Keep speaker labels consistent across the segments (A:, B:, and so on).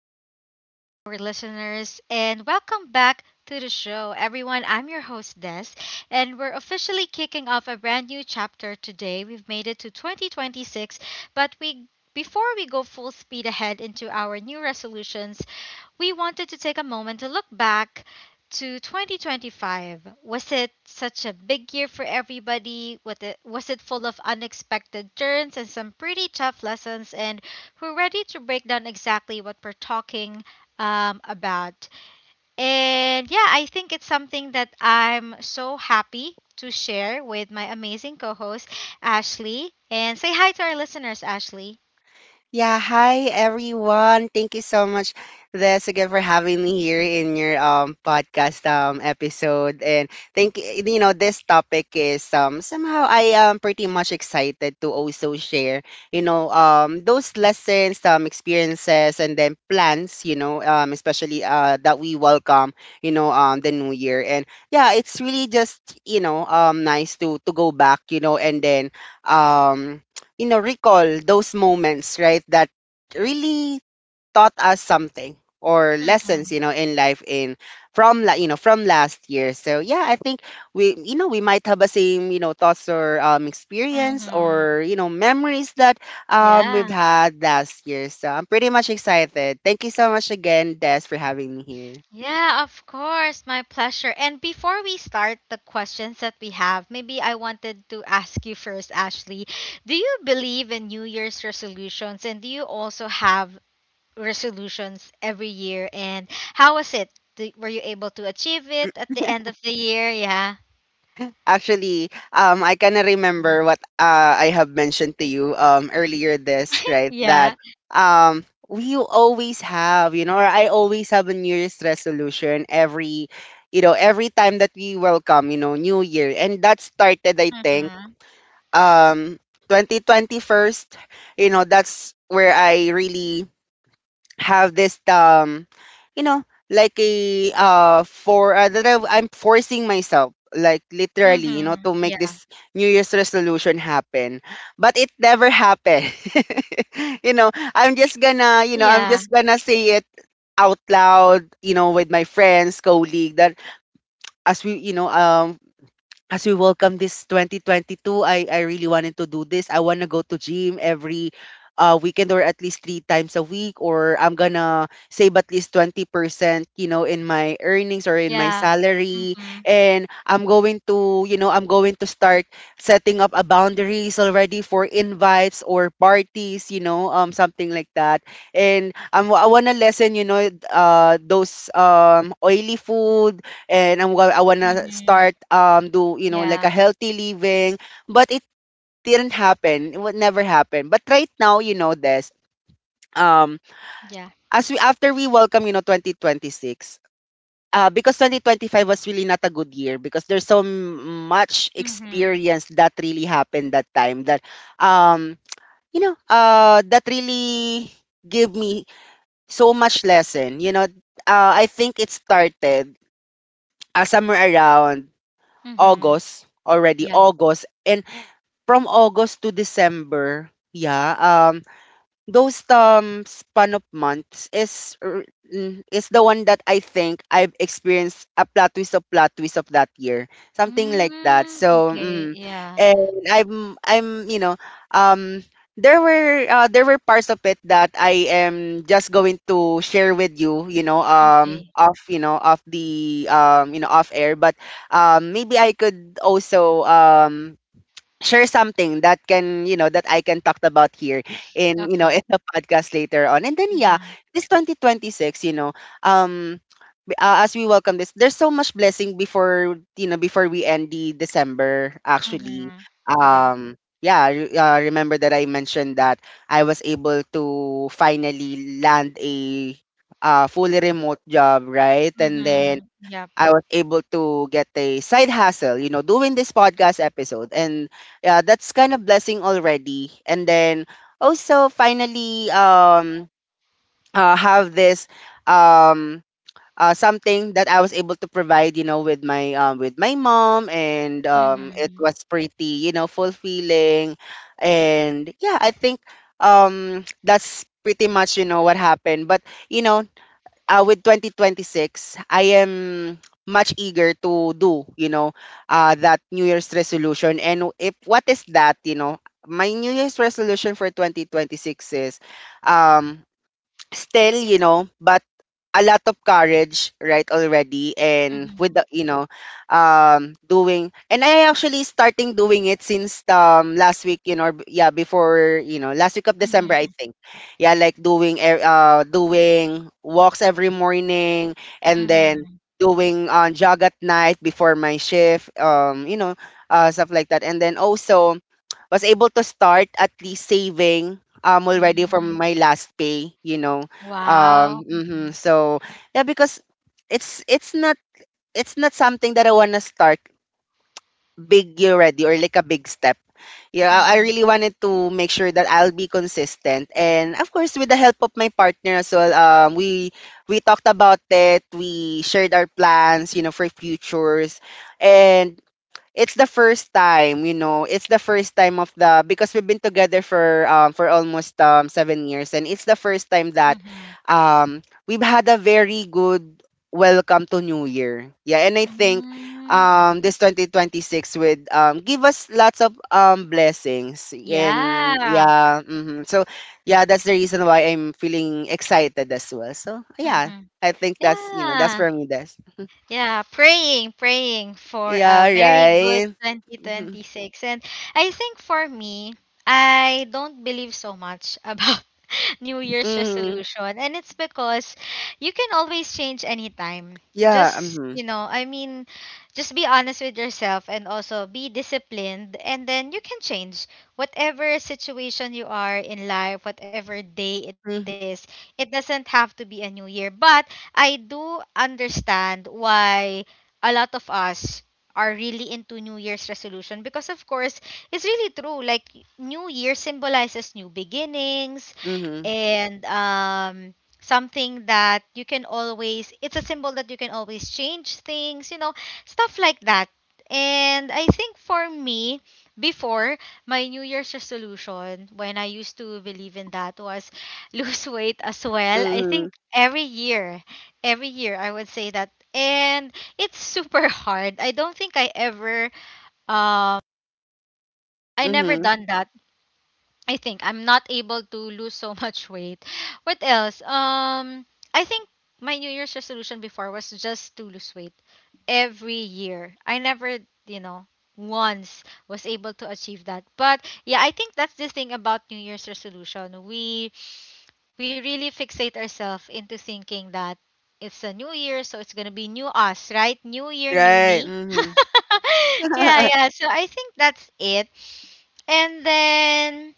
A: afternoon to our listeners and welcome back to the show. Everyone, I'm your host Des, and we're officially kicking off a brand new chapter today. We've made it to 2026, but we before we go full speed ahead into our new resolutions. We wanted to take a moment to look back to 2025. Was it such a big year for everybody? Was it full of unexpected turns and some pretty tough lessons? And we're ready to break down exactly what we're talking about. And yeah, I think it's something that I'm so happy to share with my amazing co host, Ashley. And say hi to our listeners, Ashley.
B: Yeah, hi everyone. Thank you so much, Des, again for having me here in your podcast episode. And this topic is somehow I am pretty much excited to also share those lessons, experiences, and then plans. Especially that we welcome the new year. And yeah, it's really just nice to go back, and then um recall those moments, right, that really taught us something or lessons,
A: Mm-hmm.
B: you know, in life in from last year. So yeah, I think we we might have the same thoughts or experience
A: Mm-hmm.
B: or memories that
A: Yeah.
B: we've had last year. So I'm pretty much excited. Thank you so much again, Des, for having me here.
A: Yeah, of course. My pleasure. And before we start the questions that we have, maybe I wanted to ask you first, Ashley. Do you believe in New Year's resolutions? And do you also have resolutions every year, and how was it? Were you able to achieve it at the end of the year? Yeah.
B: Actually, I kind of remember what I have mentioned to you earlier this, right? That,
A: Yeah.
B: we always have, you know, or I always have a New Year's resolution every, you know, every time that we welcome, you know, New Year. And that started, I think,
A: Mhm.
B: um, 2021, you know, that's where I really have this you know like a for I'm forcing myself, like literally, you know,
A: Mhm.
B: to make
A: Yeah.
B: this new year's resolution happen, but it never happened. I'm just gonna, I'm
A: Yeah.
B: just gonna say it out loud, you know, with my friends colleague that as we you know um as we welcome this 2022, I really wanted to do this. I want to go to gym every weekend, or at least three times a week, or I'm gonna save at least 20%, you know, in my earnings or in my
A: Yeah.
B: salary.
A: Mhm.
B: And I'm going to, you know, I'm going to start setting up a boundaries already for invites or parties, you know, something like that. And I want to lessen, you know, those oily food, and I wanna
A: Mhm.
B: start, do you know, like a
A: Yeah.
B: healthy living, but it didn't happen. It would never happen. But right now, you know this. Um,
A: Yeah.
B: as we, after we welcome, you know, 2026. Because 2025 was really not a good year, because there's much
A: Mhm.
B: experience that really happened that time that um that really gave me so much lesson, you know. I think it started somewhere around
A: Mhm.
B: August already,
A: Yeah.
B: August. And from August to December, yeah, those span of months is is the one that I think I've experienced a plot twist of that year, something like that.
A: Mm,
B: So,
A: okay. Yeah.
B: and I'm um there were parts of it that I am just going to share with you, you know,
A: Okay.
B: off the, off air, but maybe I could also share something that can you know that I can talk about here in,
A: Okay.
B: in the podcast later on, and then yeah,
A: Mhm.
B: this 2026, um as we welcome this, there's so much blessing before, before we end the December actually,
A: Mhm. Yep.
B: um remember that I mentioned that I was able to finally land a fully remote job, right? And then
A: Mhm. Yep.
B: I was able to get a side hustle, you know, doing this podcast episode. And yeah, that's kind of blessing already. And then also finally, have this, um something that I was able to provide, you know, with my, with my mom, and it
A: Mhm.
B: was pretty, you know, fulfilling. And yeah, I think that's pretty much, you know, what happened. But, you know, with 2026, I am much eager to do, you know, that New Year's resolution. And if what is that, you know, my New Year's resolution for 2026 is, um, still, you know, but a lot of courage, right, already. And with
A: Mhm.
B: the, you know, doing, and I actually starting doing it since, last week, you know, or, yeah, before, you know, last week of December, I
A: Mhm.
B: think. Yeah, like doing, doing walks every morning, and then
A: Mhm.
B: doing jog at night before my shift, you know, stuff like that. And then also, was able to start at least saving already from
A: Mhm.
B: my last pay, you know.
A: Wow.
B: Mhm.
A: Mhm.
B: So yeah, because it's not, it's not something that I want to start big already, or like a big step. Yeah, I
A: Mhm.
B: really wanted to make sure that I'll be consistent, and of course with the help of my partner as well. We, talked about it, we shared our plans, you know, for futures. And it's the first time, you know, it's the first time of the, because we've been together for, for almost, 7 years, and it's the first time that,
A: Mhm.
B: um we've had a very good welcome to New Year. Yeah, and I think
A: Mm, mhm.
B: this 2026 would give us lots of blessings. And
A: Yeah.
B: yeah, so yeah, that's the reason why I'm feeling excited as well, so yeah,
A: Hmm.
B: I think that's, that's
A: Yeah.
B: for me, that's
A: Yeah. Praying, praying for
B: yeah,
A: a very good
B: right.
A: 2026. And I think for me, I don't believe so much about New Year's
B: hmm
A: resolution. And it's because you can always change anytime.
B: Yeah,
A: Just,
B: mhm.
A: you know, I mean, just be honest with yourself and also be disciplined. And then you can change whatever situation you are in life, whatever day it is.
B: Mhm,
A: It doesn't have to be a new year. But I do understand why a lot of us are really into New Year's resolution, because of course it's really true, like, New Year symbolizes new beginnings.
B: mhm,
A: And something that you can always it's a symbol that you can always change things, you know, stuff like that. And I think for me, before, my New Year's resolution, when I used to believe in that, was lose weight as well. I
B: mhm,
A: think every year, every year I would say that, and it's super hard. I don't think I ever um I never
B: mhm.
A: done that. I think I'm not able to lose so much weight. What else? I think my New Year's resolution before was just to lose weight every year. I never, you know, once was able to achieve that. But yeah, I think that's the thing about New Year's resolution. We really fixate ourselves into thinking that it's a new year, so it's gonna be new us, right? New year, new
B: Right,
A: me.
B: mhm.
A: Yeah, yeah. So I think that's it. And then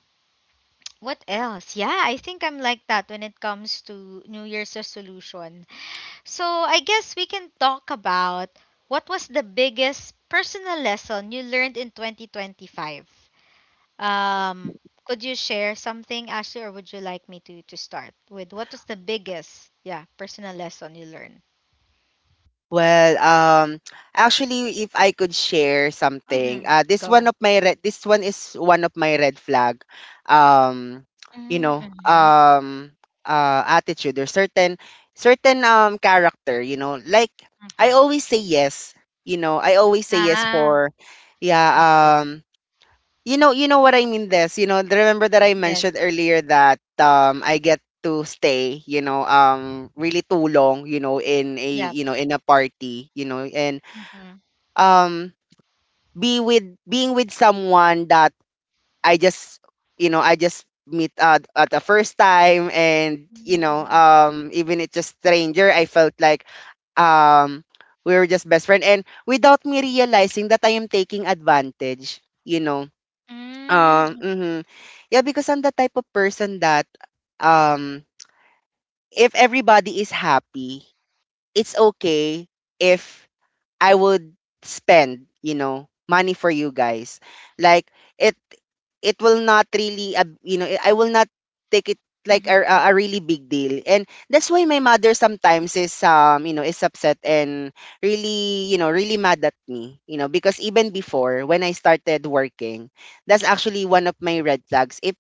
A: what else? Yeah, I think I'm like that when it comes to New Year's resolution. So I guess we can talk about what was the biggest personal lesson you learned in 2025. Um, could you share something, Ashley, or would you like me to start with what was the biggest, yeah, personal lesson you learned?
B: Well, actually, if I could share
A: Mm-hmm.
B: something, this one
A: Go.
B: of my red, this one is one of my red flag, um, you know,
A: Mm-hmm.
B: attitude or certain, certain character, you know, like I
A: Mm-hmm.
B: always say yes, you know, I always say yes
A: Ah,
B: for, yeah,
A: okay.
B: um, you know, you know what I mean this, you know, remember that I
A: Yes.
B: mentioned earlier that I get to stay, you know, really too long, you know, in a,
A: Yep.
B: you know, in a party, you know, and
A: Mm-hmm.
B: um be with, being with someone that I just, you know, I just meet at the first time, and you know,
A: Mm-hmm.
B: even it's just stranger, I felt like um we were just best friend, and without me realizing that I am taking advantage, you know
A: Mm-hmm.
B: um, mhm. Yeah, because I'm the type of person that, um if everybody is happy, it's okay if I would spend, you know, money for you guys. Like it it will not really, you know, I will not take it like a really big deal. And that's why my mother sometimes is, you know, is upset and really, you know, really mad at me, you know, because even before when I started working, that's actually one of my red flags. If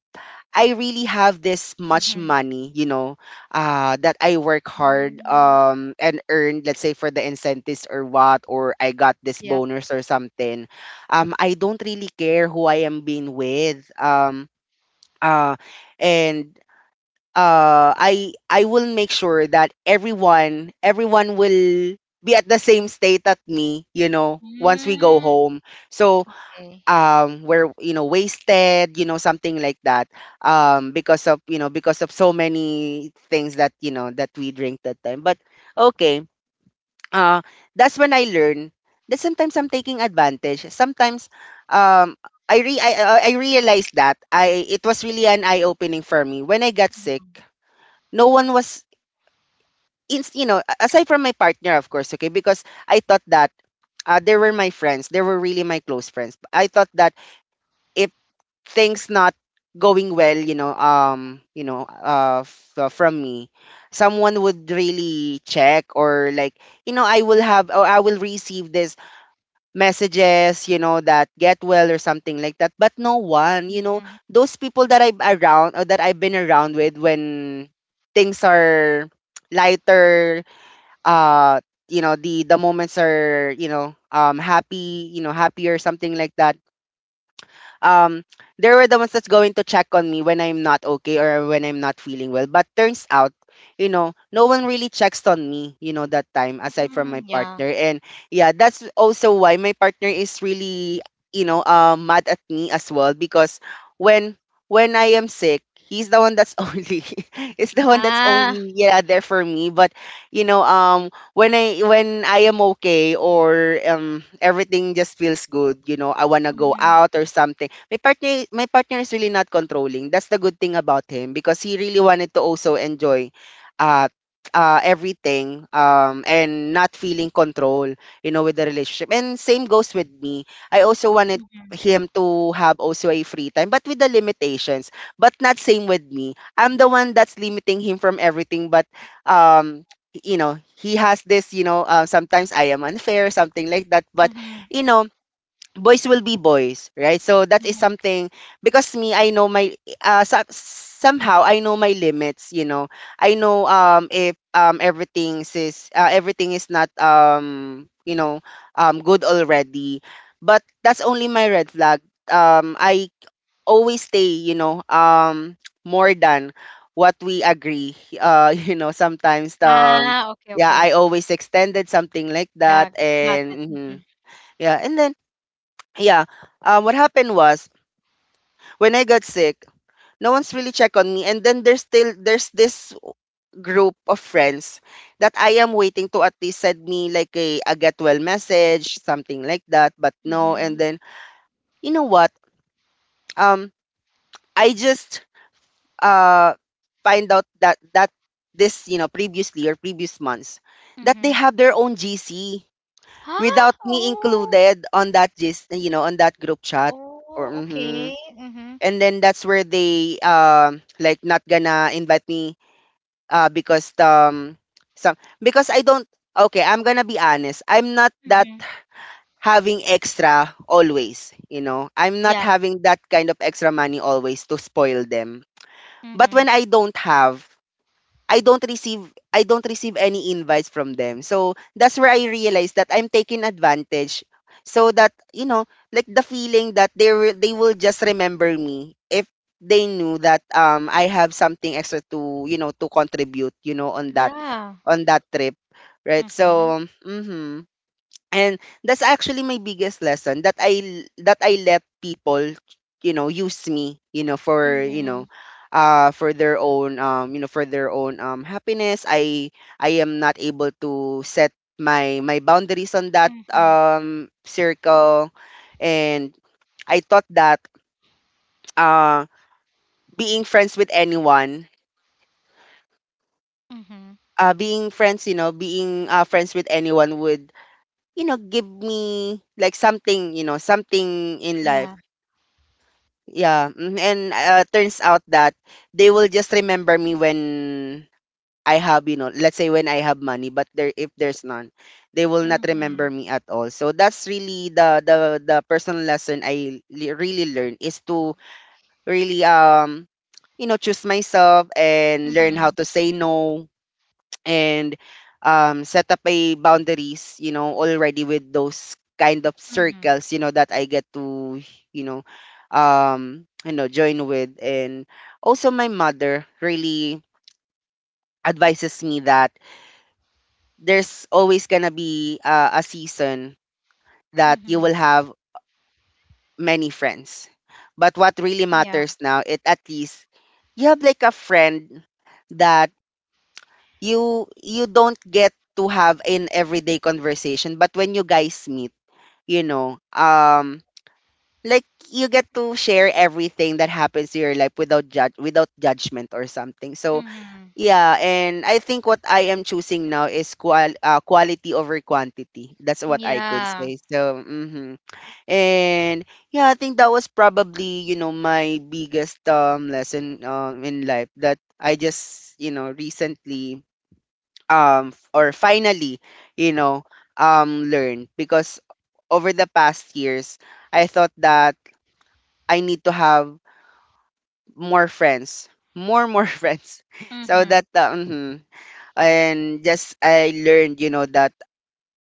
B: I really have this much
A: Mm-hmm.
B: money, you know, that I work hard,
A: Mm,
B: and earned, let's say for the incentives or what, or I got this
A: yep.
B: bonus or something. I don't really care who I am being with. Uh, and, I will make sure that everyone will be at the same state at me, you know, once we go
A: Mm,
B: home. So,
A: okay.
B: were, you know, wasted, you know, something like that, because of, you know, because of so many things that, you know, that we drink that time. But okay, uh that's when I learned that sometimes I'm taking advantage sometimes, um I realized that I it was really an eye opening for me when I got sick. No one was in, you know, aside from my partner, of course. Okay, because I thought that, they were my friends, they were really my close friends. I thought that if things not going well, you know, um, you know, from me, someone would really check, or like, you know, I will have, or I will receive this messages, you know, that get well or something like that. But no one, you know,
A: Mhm,
B: those people that I'm around, or that I've been around with, when things are lighter, uh you know, the moments are, you know, happy, you know, happy or something like that, um they were the ones that's going to check on me when I'm not okay or when I'm not feeling well. But turns out, you know, no one really checks on me, you know, that time aside from my
A: mhm, yeah.
B: partner. And yeah, that's also why my partner is really, you know, mad at me as well, because when when I am sick, he's the one that's only, is the one that's
A: Ah.
B: only, yeah, there for me. But you know, when I am okay, or everything just feels good, you know, I wanna go
A: Mhm,
B: out or something. My partner is really not controlling. That's the good thing about him because he really wanted to also enjoy uh everything, and not feeling control, you know, with the relationship. And same goes with me. I also wanted
A: mhm,
B: him to have also a free time, but with the limitations, but not same with me. I'm the one that's limiting him from everything. But um you know, he has this, you know, sometimes I am unfair, something like that. But
A: mhm,
B: you know, boys will be boys, right? So that is
A: mhm.
B: something because me, I know my so, somehow I know my limits. You know, I know, if, everything is not, you know, good already, but that's only my red flag. I always stay, you know, more than what we agree. You know, sometimes,
A: Ah, okay,
B: yeah, I
A: okay.
B: always extended, something like that,
A: Got, got
B: and
A: it.
B: mhm.
A: Mhm,
B: Yeah, and then yeah, what happened was, when I got sick, no one's really checked on me. And then there's this group of friends that I am waiting to at least send me like a get well message, something like that, but no. And
A: mhm,
B: then, you know what, um I just uh find out that this, you know, previous months, that they
A: mhm.
B: have their own GC without
A: Huh?
B: me
A: Oh,
B: included on that, just, you know, on that group chat, or
A: oh,
B: mhm.
A: okay. Mhm,
B: And then that's where they, like, not gonna invite me, because, some, because I don't, okay, I'm gonna be honest, I'm not that
A: mhm.
B: having extra always, you know, I'm not
A: Yeah.
B: having that kind of extra money always to spoil them. But when
A: Mhm.
B: I don't have, I don't receive I don't receive any invites from them. So that's where I realized that I'm taking advantage, so that, you know, like the feeling that they will just remember me if they knew that, I have something extra to, you know, to contribute, you know, on that,
A: Yeah.
B: trip, right?
A: Mhm,
B: So mhm. And that's actually my biggest lesson, that I let people, you know, use me, you know,
A: mhm,
B: for their own, you know, for their own happiness. I am not able to set my boundaries on that,
A: mhm,
B: circle. And I thought that, uh being friends with anyone,
A: mhm.
B: being friends, you know, being friends with anyone would, you know, give me like something, you know, something in life.
A: Yeah.
B: Yeah, mhm, and, turns out that they will just remember me when I have, you know, let's say when I have money, but there if there's none, they will not remember
A: Mhm,
B: me at all. So that's really the personal lesson really learned, is to really, you know, choose myself and learn how
A: mhm,
B: to say no, and, set up my boundaries, you know, already with those kind of
A: mhm,
B: circles, you know, that I get to, you know, you know, join with. And also my mother really advises me that there's always gonna be, a season that you
A: mhm.
B: will have many friends. But what really
A: Yeah.
B: matters now, it at least you have like a friend that, you don't get to have an everyday conversation, but when you guys meet, you know, like you get to share everything that happens to your life, without judge without judgment, or something, so
A: Mhm.
B: yeah. And I think what I am choosing now is quality over quantity, that's what I could
A: Yeah.
B: say, so mhm. And yeah, I think that was probably, you know, my biggest, lesson, in life, that I just, you know, recently, f- or finally, you know, learn, because over the past years I thought that I need to have more friends, more more friends, so
A: Mhm.
B: that, mhm. And just I learned, you know, that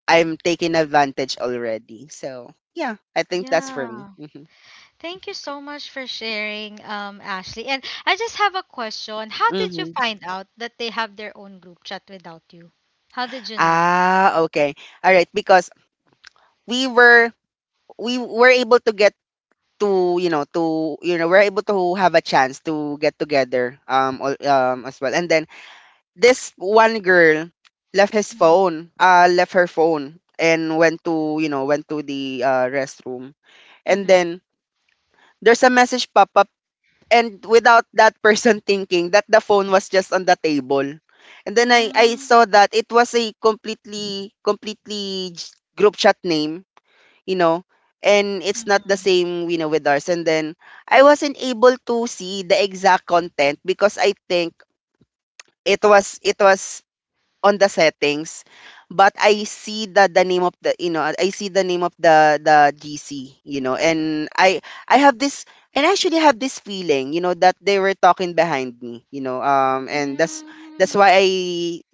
B: I'm taking advantage already. So yeah, I think that's for me.
A: Yeah.
B: Hmm.
A: Thank you so much for sharing, Ashley. And I just have a question. How did you
B: Hmm.
A: find out that they have their own group chat without you? How did you know?
B: Ah, okay, all right, because we were we were able to get to, you know, we're able to have a chance to get together, all, as well. And then this one girl
A: Mm-hmm.
B: left her phone and went to, you know, went to the, restroom. And
A: Mm-hmm.
B: then there's a message pop up, and without that person thinking that the phone was just on the table, and then I
A: Mm.
B: saw that it was a group chat name, you know, and it's not the same, you know, with ours. And then I wasn't able to see the exact content because I think it was on the settings, but I see the name of the, you know, I see the name of the GC, you know. And I have this, and I actually have this feeling, you know, that they were talking behind me, you know, and that's
A: Mm,
B: why I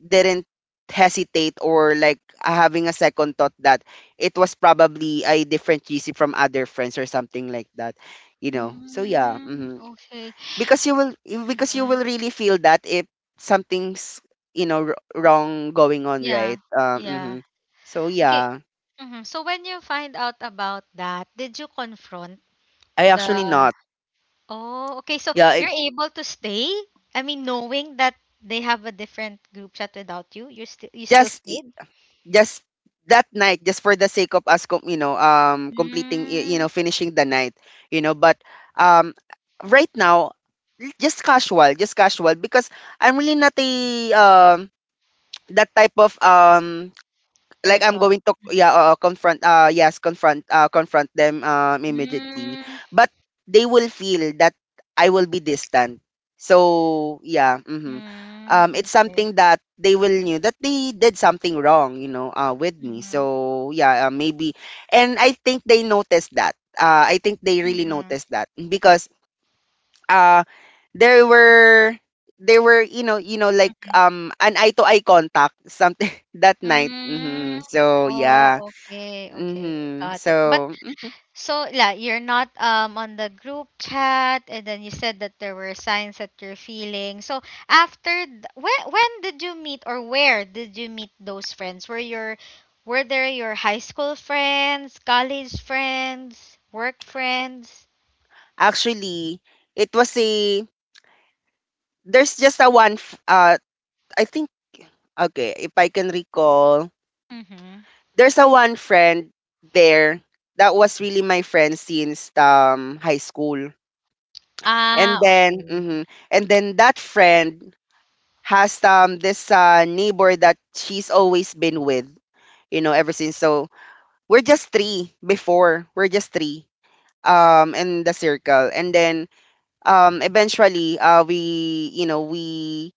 B: didn't hesitate or like, having a second thought that it was probably a different GC from other friends or something like that, you know, so yeah
A: mm,
B: mhm.
A: okay.
B: Because because you
A: Mm-hmm.
B: will really feel that, if something's, you know, wrong going on,
A: Yeah.
B: right? Mhm.
A: Yeah.
B: So
A: Okay.
B: yeah.
A: Mm-hmm. So when you find out about that, did you confront
B: I actually
A: the
B: not.
A: Oh, okay. So
B: Yeah, it,
A: you're able to stay? I mean, knowing that they have a different group chat without you, you still
B: just i-
A: stayed?
B: just that night, just for the sake of us, you know, completing, you
A: Mm,
B: know, finishing the night, you know. But, um right now, just casual, because I'm really not a, that type of, like, I'm
A: person.
B: going to, yeah, confront, yes, confront, confront them, immediately.
A: Mm,
B: But they will feel that I will be distant, so yeah, mm-hmm.
A: mm,
B: It's
A: okay.
B: something that they will knew that they did something wrong, you know, with me,
A: Mm-hmm.
B: so yeah, maybe. And I think they noticed that. I think they really
A: Mm-hmm.
B: noticed that, because, uh there were there were, you know, like, an eye to eye contact, something that night. Hmm,
A: Mm.
B: so yeah.
A: Oh, okay, okay.
B: Hmm,
A: Got it. But
B: so mm.
A: so yeah, you're not on the group chat, and then you said that there were signs that you're feeling. So after when did you meet, or where did you meet those friends? Were there your high school friends, college friends, work friends?
B: Actually, it was a there's just a one, I think, okay, if I can recall,
A: Mm-hmm.
B: there's a one friend there that was really my friend since, high school. And
A: Ah,
B: then
A: okay.
B: mhm, and then that friend has, this, neighbor that she's always been with, you know, ever since. So we're just three before. We're just three, in the circle. And then, eventually, we you know we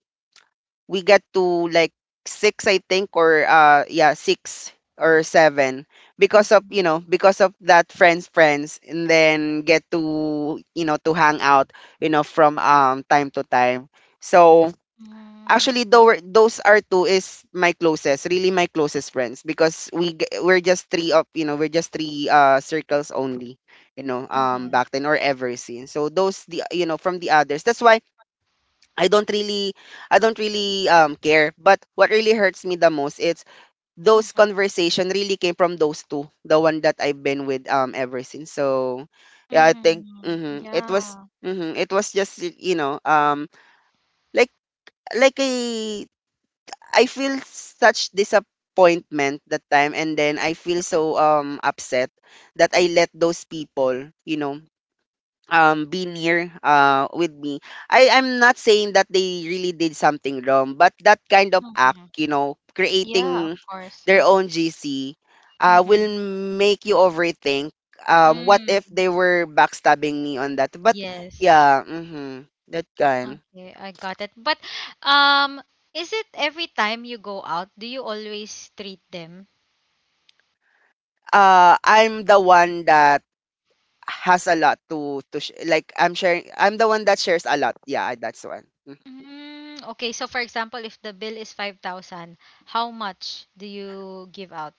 B: we get to like six I think, or, yeah, six or seven, because of,
A: Mm-hmm.
B: you know, because of that friends friends, and then get to, you know, to hang out, you know, from, time to time, so. Actually, though, those are two is my closest, really my closest friends, because, we're just three of, you know, we're just three, circles only, you know,
A: Mm-hmm.
B: back then or ever since. So those the, you know, from the others. That's why I don't really I don't really, care. But what really hurts me the most is, those conversation really came from those two, the one that I've been with, ever since. So yeah, I think
A: Mm-hmm. Yeah.
B: mhm, it was just, you know, like like a, I feel such disappointment that time, and then I feel so, upset, that I let those people, you know, be near, with me. I'm not saying that they really did something wrong, but that kind of act,
A: Mm-hmm.
B: you know,
A: Yeah, of
B: creating
A: course.
B: their
A: Mm-hmm.
B: own GC, will
A: Mm-hmm.
B: make you overthink, what if
A: Mm.
B: they were backstabbing me on that. But
A: Yes.
B: yeah, mhm. That kind.
A: Okay, I got it. But is it every time you go out, do you always treat them?
B: I'm the one that has a lot to like, I'm sharing, I'm the one that shares a lot. Yeah, that's one. Mm.
A: Mm, okay, so for example, if the bill is 5,000, how much do you give out?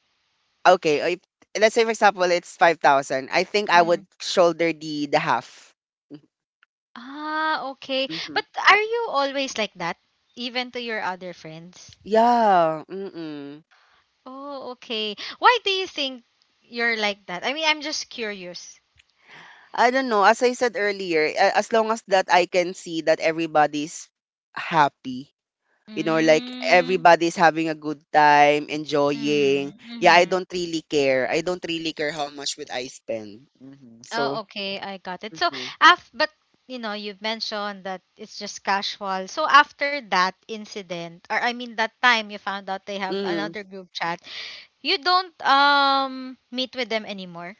B: Okay, if, let's say for example it's 5,000. I think I
A: Mm.
B: would shoulder the half.
A: Ah, okay.
B: Mhm.
A: But are you always like that, even to your other friends?
B: Yeah, mm-mm.
A: Oh, okay. Why do you think you're like that? I mean, I'm just curious.
B: I don't know. As I said earlier, as long as that I can see that everybody's happy, you know, like
A: Mm,
B: everybody's having a good time,
A: mm,
B: enjoying. Yeah, I
A: mm-hmm.
B: don't really care. I don't really care how much would I spend. Mhm.
A: Oh,
B: So,
A: okay, I got it. So,
B: mm-hmm.
A: af but you know, you've mentioned that it's just casual. So after that incident, or I mean that time you found out they have
B: Mm-hmm.
A: another group chat, you don't meet with them anymore.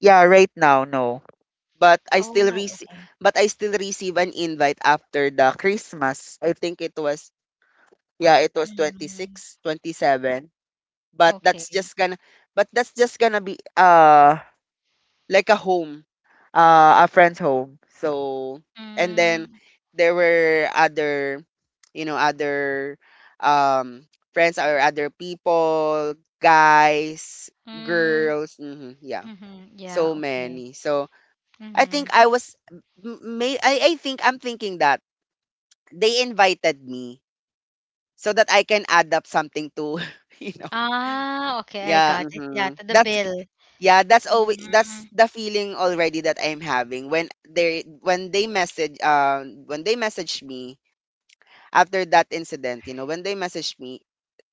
B: Yeah, right now, no. But I still
A: Oh,
B: receive
A: okay.
B: but I still receive an invite after the Christmas. I think it was, yeah, it was twenty
A: Mm,
B: six, 27. But that's just
A: okay.
B: gonna but that's just gonna be, like a home, a friend's home. So, and then
A: Mm,
B: there were other, you know, other, um friends or other people, guys,
A: mm,
B: girls, mhm, yeah.
A: mm-hmm. Yeah,
B: So
A: okay.
B: many. So I
A: Mm-hmm.
B: think I was, I think I'm thinking that they invited me so that I can add up something to you know.
A: Ah, okay, I
B: Yeah,
A: got it. Yeah,
B: hmm,
A: to the bill.
B: that's always, that's
A: Mm,
B: the feeling already that I'm having when they message, when they messaged me after that incident, you know, when they messaged me,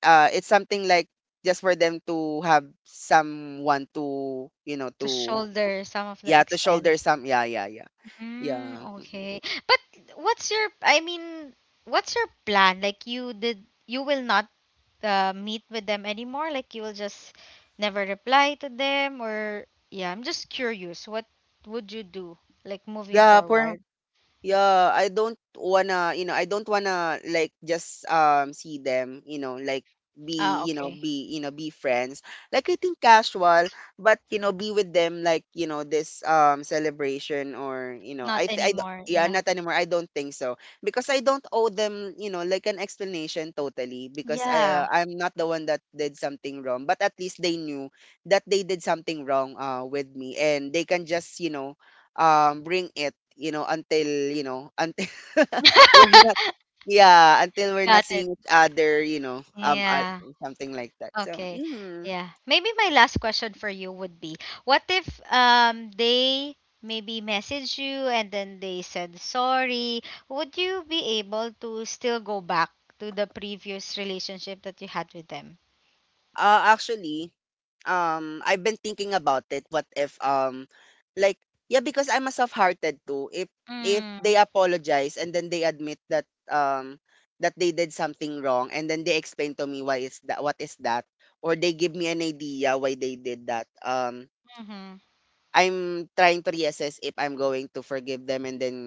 B: it's something like, just for them to have someone to, you know,
A: to
B: to.
A: shoulder some of the
B: Yeah, to
A: expense.
B: shoulder some, yeah, yeah, yeah,
A: Mm,
B: yeah, mhm.
A: okay. But I mean, what's your plan? Like you you will not meet with them anymore? Like you will just never reply to them, or yeah, I'm just curious. What would you do, like, moving
B: Yeah, for.
A: forward?
B: Yeah, I don't wanna, you know, I don't wanna like just, see them, you know, like,
A: Ah,
B: be, you know,
A: okay.
B: be, you know, be friends. Like, I think casual, but you know, be with them like, you know, this, celebration or, you know,
A: Not
B: I th- I d-
A: anymore.
B: yeah,
A: Yeah.
B: not anymore. I don't think so because I don't owe them, you know, like an explanation totally, because
A: Yeah.
B: I'm not the one that did something wrong, but at least they knew that they did something wrong, with me, and they can just, you know, bring it, you know, until we're not, yeah, until we're not
A: Got it.
B: seeing each other, you know,
A: Yeah.
B: something like that, so
A: Okay.
B: mm.
A: Yeah. Maybe my last question for you would be, what if they maybe message you and then they said sorry, would you be able to still go back to the previous relationship that you had with them?
B: Actually, I've been thinking about it, what if, like, yeah, because I'm a soft-hearted too. If they
A: Mm.
B: apologize, and then they admit that, um that they did something wrong, and then they explain to me why is that, what is that, or they give me an idea why they did that,
A: Mhm.
B: I'm trying to reassess if I'm going to forgive them, and then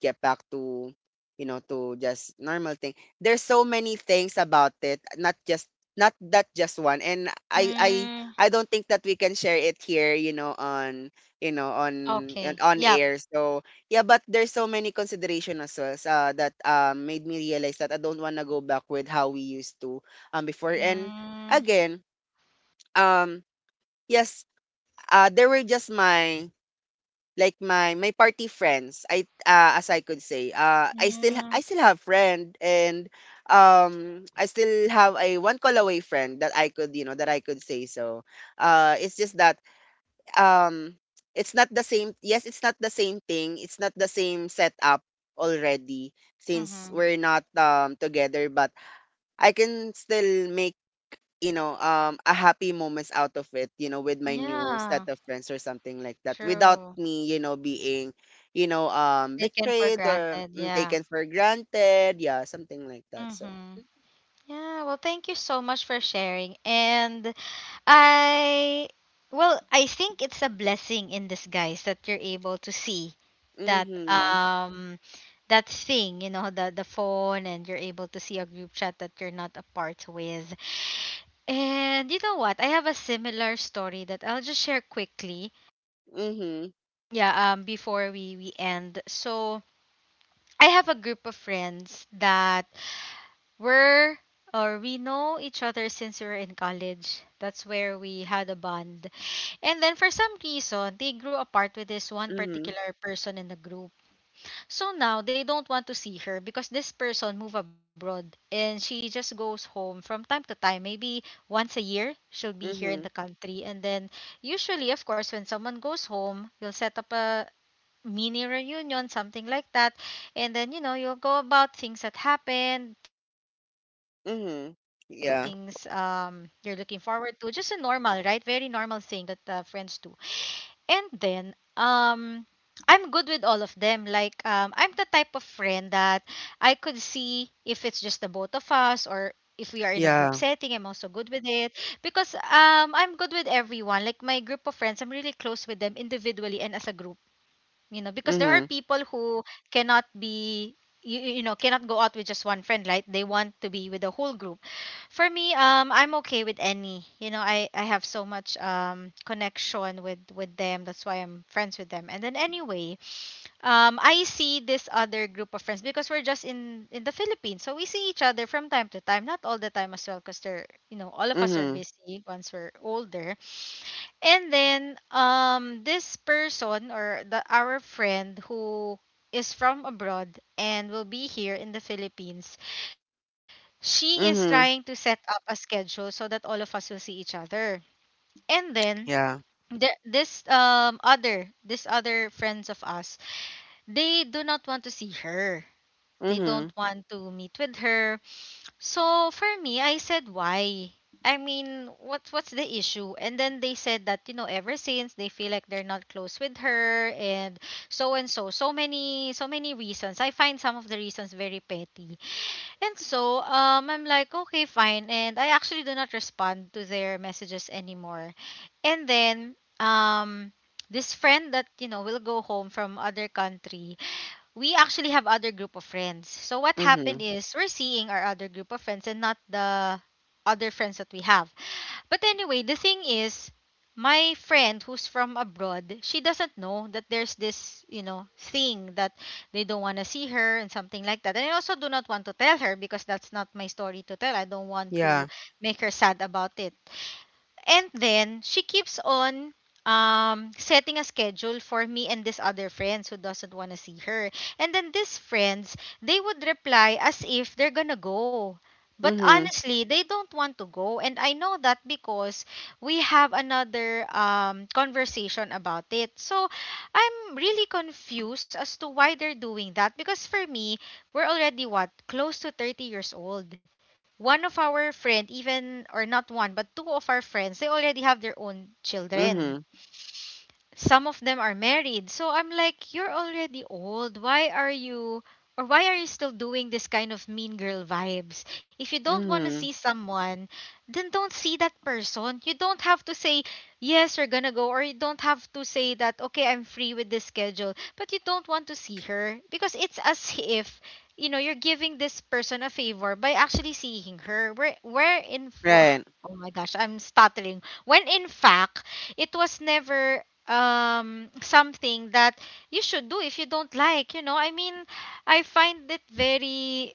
B: get back to, you know, to just normal thing. There's so many things about it, not that just one. And I I
A: Mm.
B: I don't think that we can share it here, you know, on,
A: Okay.
B: on
A: Yep.
B: air. So yeah, but there's so many consideration as well, that, made me realize that I don't want to go back with how we used to, before. And
A: Mm.
B: again, um yes, there were just my, party friends. I as I could say, I
A: Mm.
B: still have friend, and, I still have a one call away friend that I could, you know, that I could say, so. It's just that, um it's not the same, yes, it's not the same thing, it's not the same setup already, since
A: Mhm.
B: we're not, together. But I can still make, you know, a happy moments out of it, you know, with my new set
A: Yeah.
B: of friends or something like that, without
A: True.
B: me, you know, being, you know,
A: Taken for
B: betrayed, or
A: granted.
B: mm,
A: Yeah.
B: taken for granted, yeah, something like that, so
A: Mhm. Yeah, well, thank you so much for sharing. And I, well, I think it's a blessing in disguise that you're able to see that
B: mhm.
A: that thing, you know, the phone, and you're able to see a group chat that you're not a part with. And you know what? I have a similar story that I'll just share quickly.
B: Mhm.
A: Yeah, before we end. So I have a group of friends that We're or we know each other since we were in college. That's where we had a bond. And then for some reason, they grew apart with this one
B: Mhm.
A: particular person in the group. So now they don't want to see her because this person moved abroad, and she just goes home from time to time. Maybe once a year she'll be here in
B: Mhm.
A: the country. And then usually, of course, when someone goes home, you'll set up a mini reunion, something like that. And then, you know, you'll go about things that happened, things you're looking
B: Mhm.
A: forward to. Just
B: Yeah.
A: a normal, right? Very normal thing that friends do. And then, I'm good with all of them. Like, I'm the type of friend that I could see if it's just the both of us, or if we are in a group setting, I'm also
B: Yeah,
A: good with it, because I'm good with everyone. Like my group of friends, I'm really close with them individually and as a group, you know, because there are people
B: mhm.
A: who cannot be, cannot go out with just one friend, right? They want to be with the whole group. For me, I'm okay with any, you know, I have so much connection with them, that's why I'm friends with them. And then anyway, I see this other group of friends, because we're just in the Philippines, so we see each other from time to time, not all the time as well, because they're, you know, all of us are
B: Mhm.
A: busy once we're older. And then this person, or the our friend who is from abroad and will be here in the Philippines. She is
B: Mhm.
A: trying to set up a schedule so that all of us will see each other. And then
B: Yeah.
A: the, this other this other friends of us, they do not want to see her. They don't
B: Mhm.
A: want to meet with her. So for me, I said, why? I mean, what's the issue? And then they said that, you know, ever since they feel like they're not close with her, and so and so, so many, so many reasons. I find some of the reasons very petty. And so I'm like, okay, fine, and I actually do not respond to their messages anymore. And then this friend that, you know, will go home from other country, we actually have other group of friends. So what happened
B: Mhm.
A: is we're seeing our other group of friends and not the other friends that we have. But anyway, the thing is, my friend who's from abroad, she doesn't know that there's this, you know, thing that they don't want to see her, and something like that. And I also do not want to tell her because that's not my story to tell. I don't want to
B: Yeah.
A: make her sad about it. And then she keeps on setting a schedule for me and this other friends who doesn't want to see her. And then these friends, they would reply as if they're gonna go. But
B: Mhm.
A: honestly, they don't want to go. And I know that because we have another conversation about it. So I'm really confused as to why they're doing that. Because for me, we're already what? Close to 30 years old. One of our friend, even, or not one but two of our friends, they already have their own children.
B: Mhm.
A: Some of them are married. So I'm like, you're already old. Why are you still doing this kind of mean girl vibes? If you don't want to
B: Mhm.
A: see someone, then don't see that person. You don't have to say, yes, we're gonna go, or you don't have to say that, okay, I'm free with this schedule, but you don't want to see her, because it's as if, you know, you're giving this person a favor by actually seeing her. Where in for
B: Right.
A: Oh my gosh, I'm stuttering. When in fact, it was never something that you should do. If you don't, like, you know, I mean, I find it very,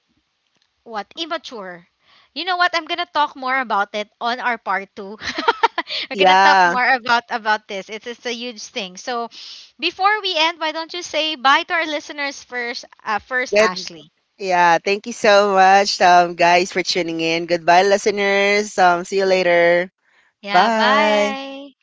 A: what, immature, you know what, I'm gonna talk more about it on our part two. We're gonna talk
B: Yeah.
A: more about this, it's a huge thing. So before we end, why don't you say bye to our listeners first, first,
B: get
A: Ashley?
B: Yeah, thank you so much, guys, for tuning in. Goodbye, listeners. See you later.
A: Yeah,
B: Bye.
A: bye.